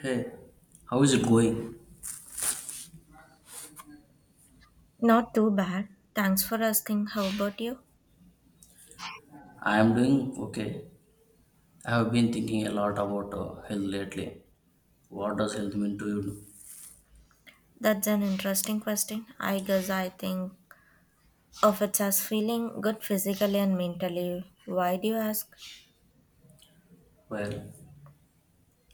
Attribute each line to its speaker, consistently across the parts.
Speaker 1: Hey, how is it going?
Speaker 2: Not too bad. Thanks for asking. How about you?
Speaker 1: I am doing okay. I have been thinking a lot about health lately. What does health mean to you?
Speaker 2: That's an interesting question. I guess I think of it as feeling good physically and mentally. Why do you ask?
Speaker 1: Well,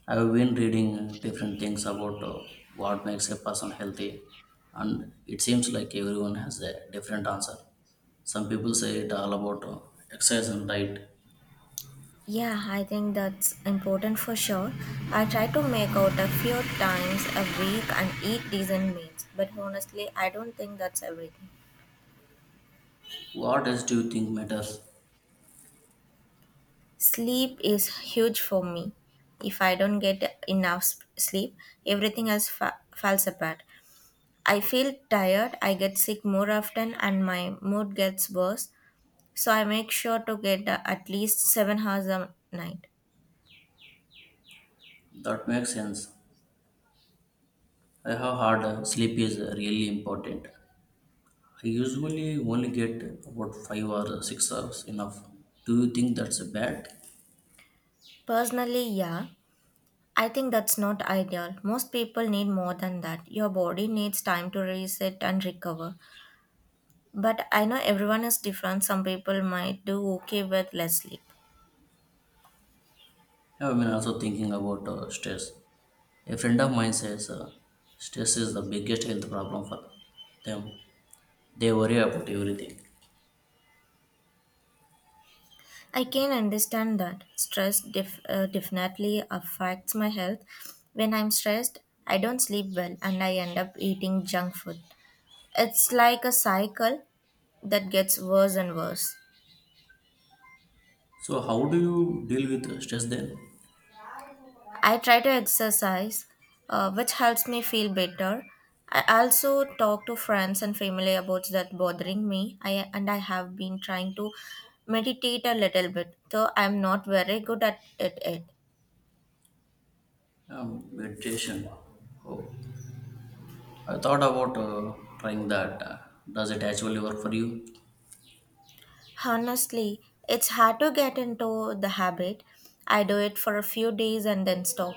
Speaker 1: I have been reading different things about what makes a person healthy, and it seems like everyone has a different answer. Some people say it all about exercise and diet.
Speaker 2: Yeah, I think that's important for sure. I try to make out a few times a week and eat decent meals, but honestly, I don't think that's everything.
Speaker 1: What else do you think matters?
Speaker 2: Sleep is huge for me. If I don't get enough sleep, everything else falls apart. I feel tired, I get sick more often, and my mood gets worse, so I make sure to get at least 7 hours a night.
Speaker 1: That makes sense. I have heard sleep is really important. I usually only get about 5 or 6 hours enough. Do you think that's bad?
Speaker 2: Personally, yeah, I think that's not ideal. Most people need more than that. Your body needs time to reset and recover. But I know everyone is different. Some people might do okay with less sleep.
Speaker 1: Yeah, I've been also thinking about stress. A friend of mine says stress is the biggest health problem for them. They worry about everything.
Speaker 2: I can understand that. Stress definitely affects my health. When I'm stressed, I don't sleep well and I end up eating junk food. It's like a cycle that gets worse and worse.
Speaker 1: So how do you deal with stress then?
Speaker 2: I try to exercise, which helps me feel better. I also talk to friends and family about that bothering me. I and I have been trying to meditate a little bit, though I'm not very good at it yet.
Speaker 1: Meditation. Oh, I thought about trying that. Does it actually work for you?
Speaker 2: Honestly, it's hard to get into the habit. I do it for a few days and then stop.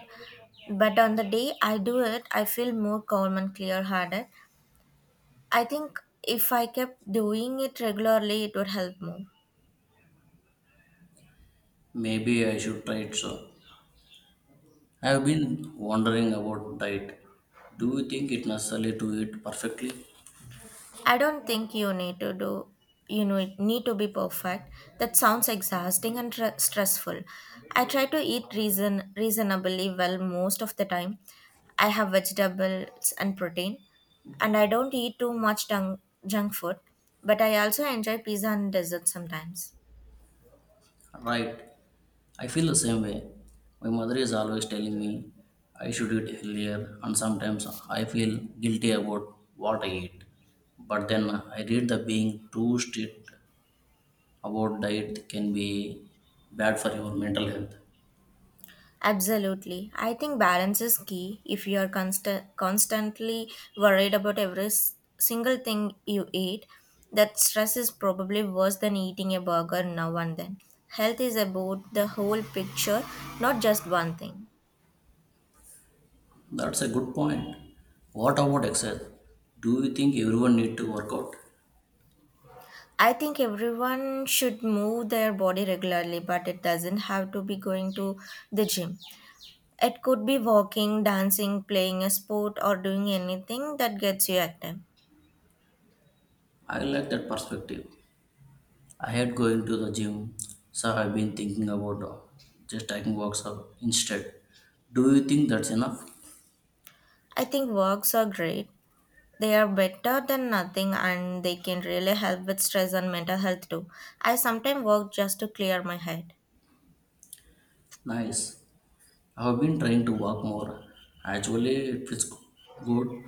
Speaker 2: But on the day I do it, I feel more calm and clear headed. I think if I kept doing it regularly, it would help more.
Speaker 1: Maybe I should try it. So, I have been wondering about diet. Do you think it necessary to eat perfectly?
Speaker 2: I don't think you need to do. It need to be perfect. That sounds exhausting and stressful. I try to eat reasonably well most of the time. I have vegetables and protein, and I don't eat too much junk food. But I also enjoy pizza and dessert sometimes.
Speaker 1: Right. I feel the same way. My mother is always telling me I should eat healthier, and sometimes I feel guilty about what I eat. But then I read that being too strict about diet can be bad for your mental health.
Speaker 2: Absolutely. I think balance is key. If you are constantly worried about every single thing you eat, that stress is probably worse than eating a burger now and then. Health is about the whole picture, not just one thing.
Speaker 1: That's a good point. What about exercise? Do you think everyone need to work out?
Speaker 2: I think everyone should move their body regularly, but it doesn't have to be going to the gym. It could be walking, dancing, playing a sport, or doing anything that gets you active.
Speaker 1: I like that perspective. I hate going to the gym, so I've been thinking about just taking walks out instead. Do you think that's enough?
Speaker 2: I think walks are great. They are better than nothing and they can really help with stress and mental health too. I sometimes work just to clear my head.
Speaker 1: Nice. I've been trying to walk more. Actually, it feels good.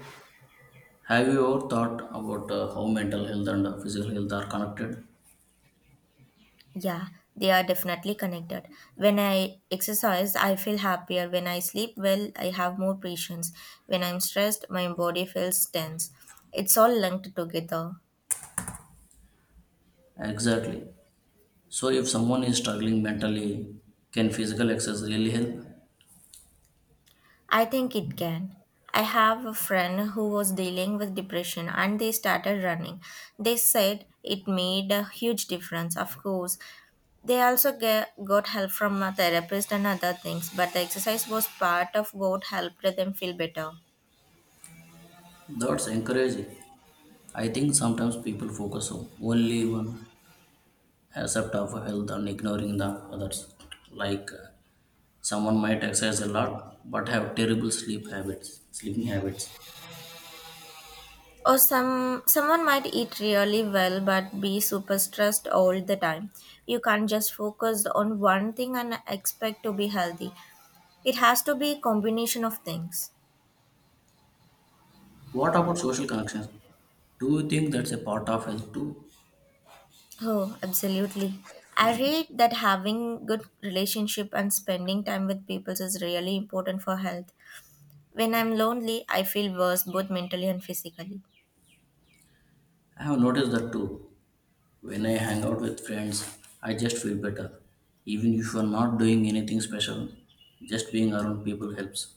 Speaker 1: Have you ever thought about how mental health and physical health are connected?
Speaker 2: Yeah, they are definitely connected. When I exercise, I feel happier. When I sleep well, I have more patience. When I'm stressed, my body feels tense. It's all linked together.
Speaker 1: Exactly. So, if someone is struggling mentally, can physical exercise really help?
Speaker 2: I think it can. I have a friend who was dealing with depression and they started running. They said it made a huge difference, of course. They also got help from a therapist and other things, but the exercise was part of what helped them feel better.
Speaker 1: That's encouraging. I think sometimes people focus on only one accept of health and ignoring the others. Like, someone might exercise a lot but have terrible sleep habits, sleeping habits.
Speaker 2: Or someone might eat really well but be super stressed all the time. You can't just focus on one thing and expect to be healthy. It has to be a combination of things.
Speaker 1: What about social connections? Do you think that's a part of health too?
Speaker 2: Oh, absolutely. I read that having good relationship and spending time with people is really important for health. When I'm lonely, I feel worse both mentally and physically.
Speaker 1: I have noticed that too. When I hang out with friends, I just feel better. Even if you are not doing anything special, just being around people helps.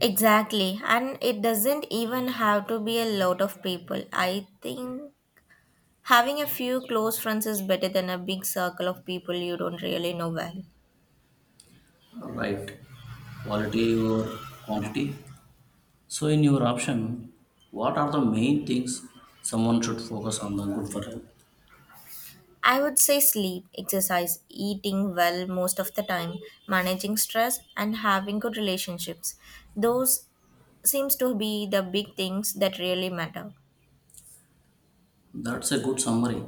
Speaker 2: Exactly. And it doesn't even have to be a lot of people. I think having a few close friends is better than a big circle of people you don't really know well.
Speaker 1: Right. Quality or quantity? So, in your option, what are the main things someone should focus on the good for health?
Speaker 2: I would say sleep, exercise, eating well most of the time, managing stress, and having good relationships. Those seems to be the big things that really matter.
Speaker 1: That's a good summary.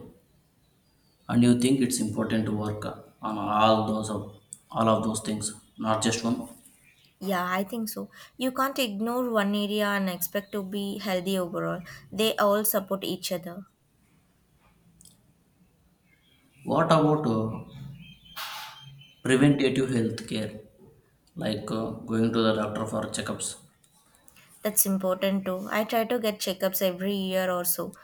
Speaker 1: And you think it's important to work on all those of all of those things, not just one.
Speaker 2: Yeah, I think so. You can't ignore one area and expect to be healthy overall. They all support each other.
Speaker 1: What about preventative health care, like, going to the doctor for checkups?
Speaker 2: That's important too. I try to get checkups every year or so.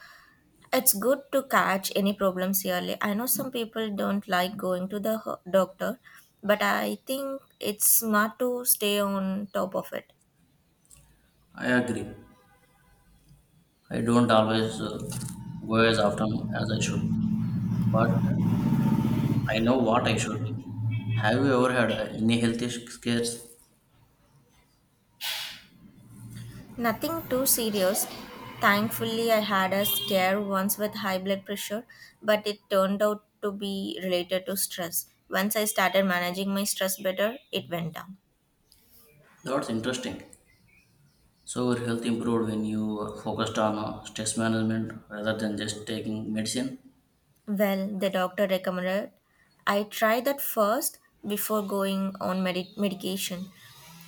Speaker 2: It's good to catch any problems early. I know some people don't like going to the doctor, but I think it's smart to stay on top of it.
Speaker 1: I agree. I don't always go as often as I should, but I know what I should. Have you ever had any health issues?
Speaker 2: Nothing too serious. Thankfully, I had a scare once with high blood pressure, but it turned out to be related to stress. Once I started managing my stress better, it went down.
Speaker 1: That's interesting. So your health improved when you were focused on stress management rather than just taking medicine.
Speaker 2: Well, the doctor recommended I try that first before going on medication.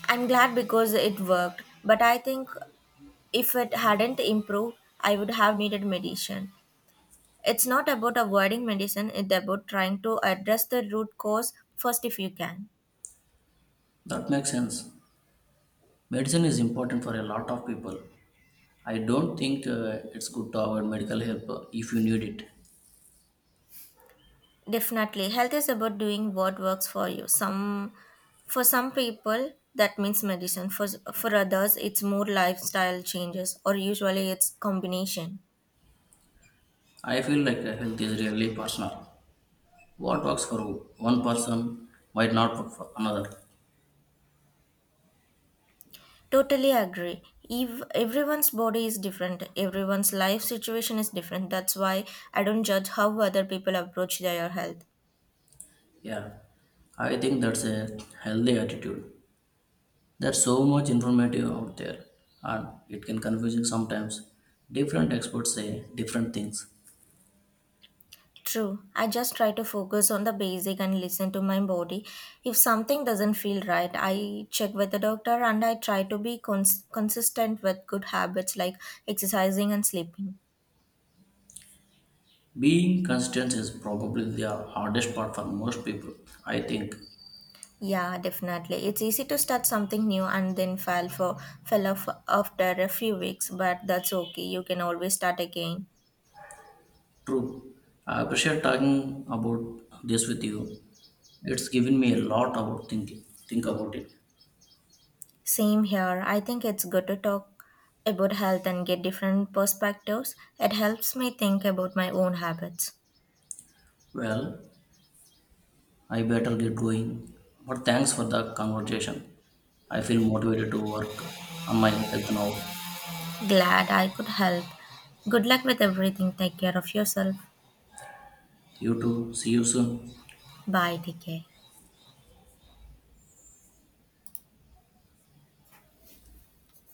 Speaker 2: I'm glad because it worked, but I think if it hadn't improved, I would have needed medicine. It's not about avoiding medicine, it's about trying to address the root cause first if you can.
Speaker 1: That makes sense. Medicine is important for a lot of people. I don't think it's good to avoid medical help if you need it.
Speaker 2: Definitely. Health is about doing what works for you. Some for some people that means medicine. For others it's more lifestyle changes or usually it's combination.
Speaker 1: I feel like health is really personal. What works for one person might not work for another.
Speaker 2: Totally agree. If everyone's body is different, everyone's life situation is different. That's why I don't judge how other people approach their health.
Speaker 1: Yeah, I think that's a healthy attitude. There's so much informative out there, and it can confusing sometimes. Different experts say different things.
Speaker 2: True. I just try to focus on the basic and listen to my body. If something doesn't feel right, I check with the doctor and I try to be consistent with good habits like exercising and sleeping.
Speaker 1: Being consistent is probably the hardest part for most people, I think.
Speaker 2: Yeah, definitely. It's easy to start something new and then fall for fell off after a few weeks, but that's okay. You can always start again.
Speaker 1: True. I appreciate talking about this with you. It's given me a lot about thinking. Think about it.
Speaker 2: Same here. I think it's good to talk about health and get different perspectives. It helps me think about my own habits.
Speaker 1: Well, I better get going. But thanks for the conversation. I feel motivated to work on my health now.
Speaker 2: Glad I could help. Good luck with everything. Take care of yourself.
Speaker 1: You too. See you soon.
Speaker 2: Bye. Take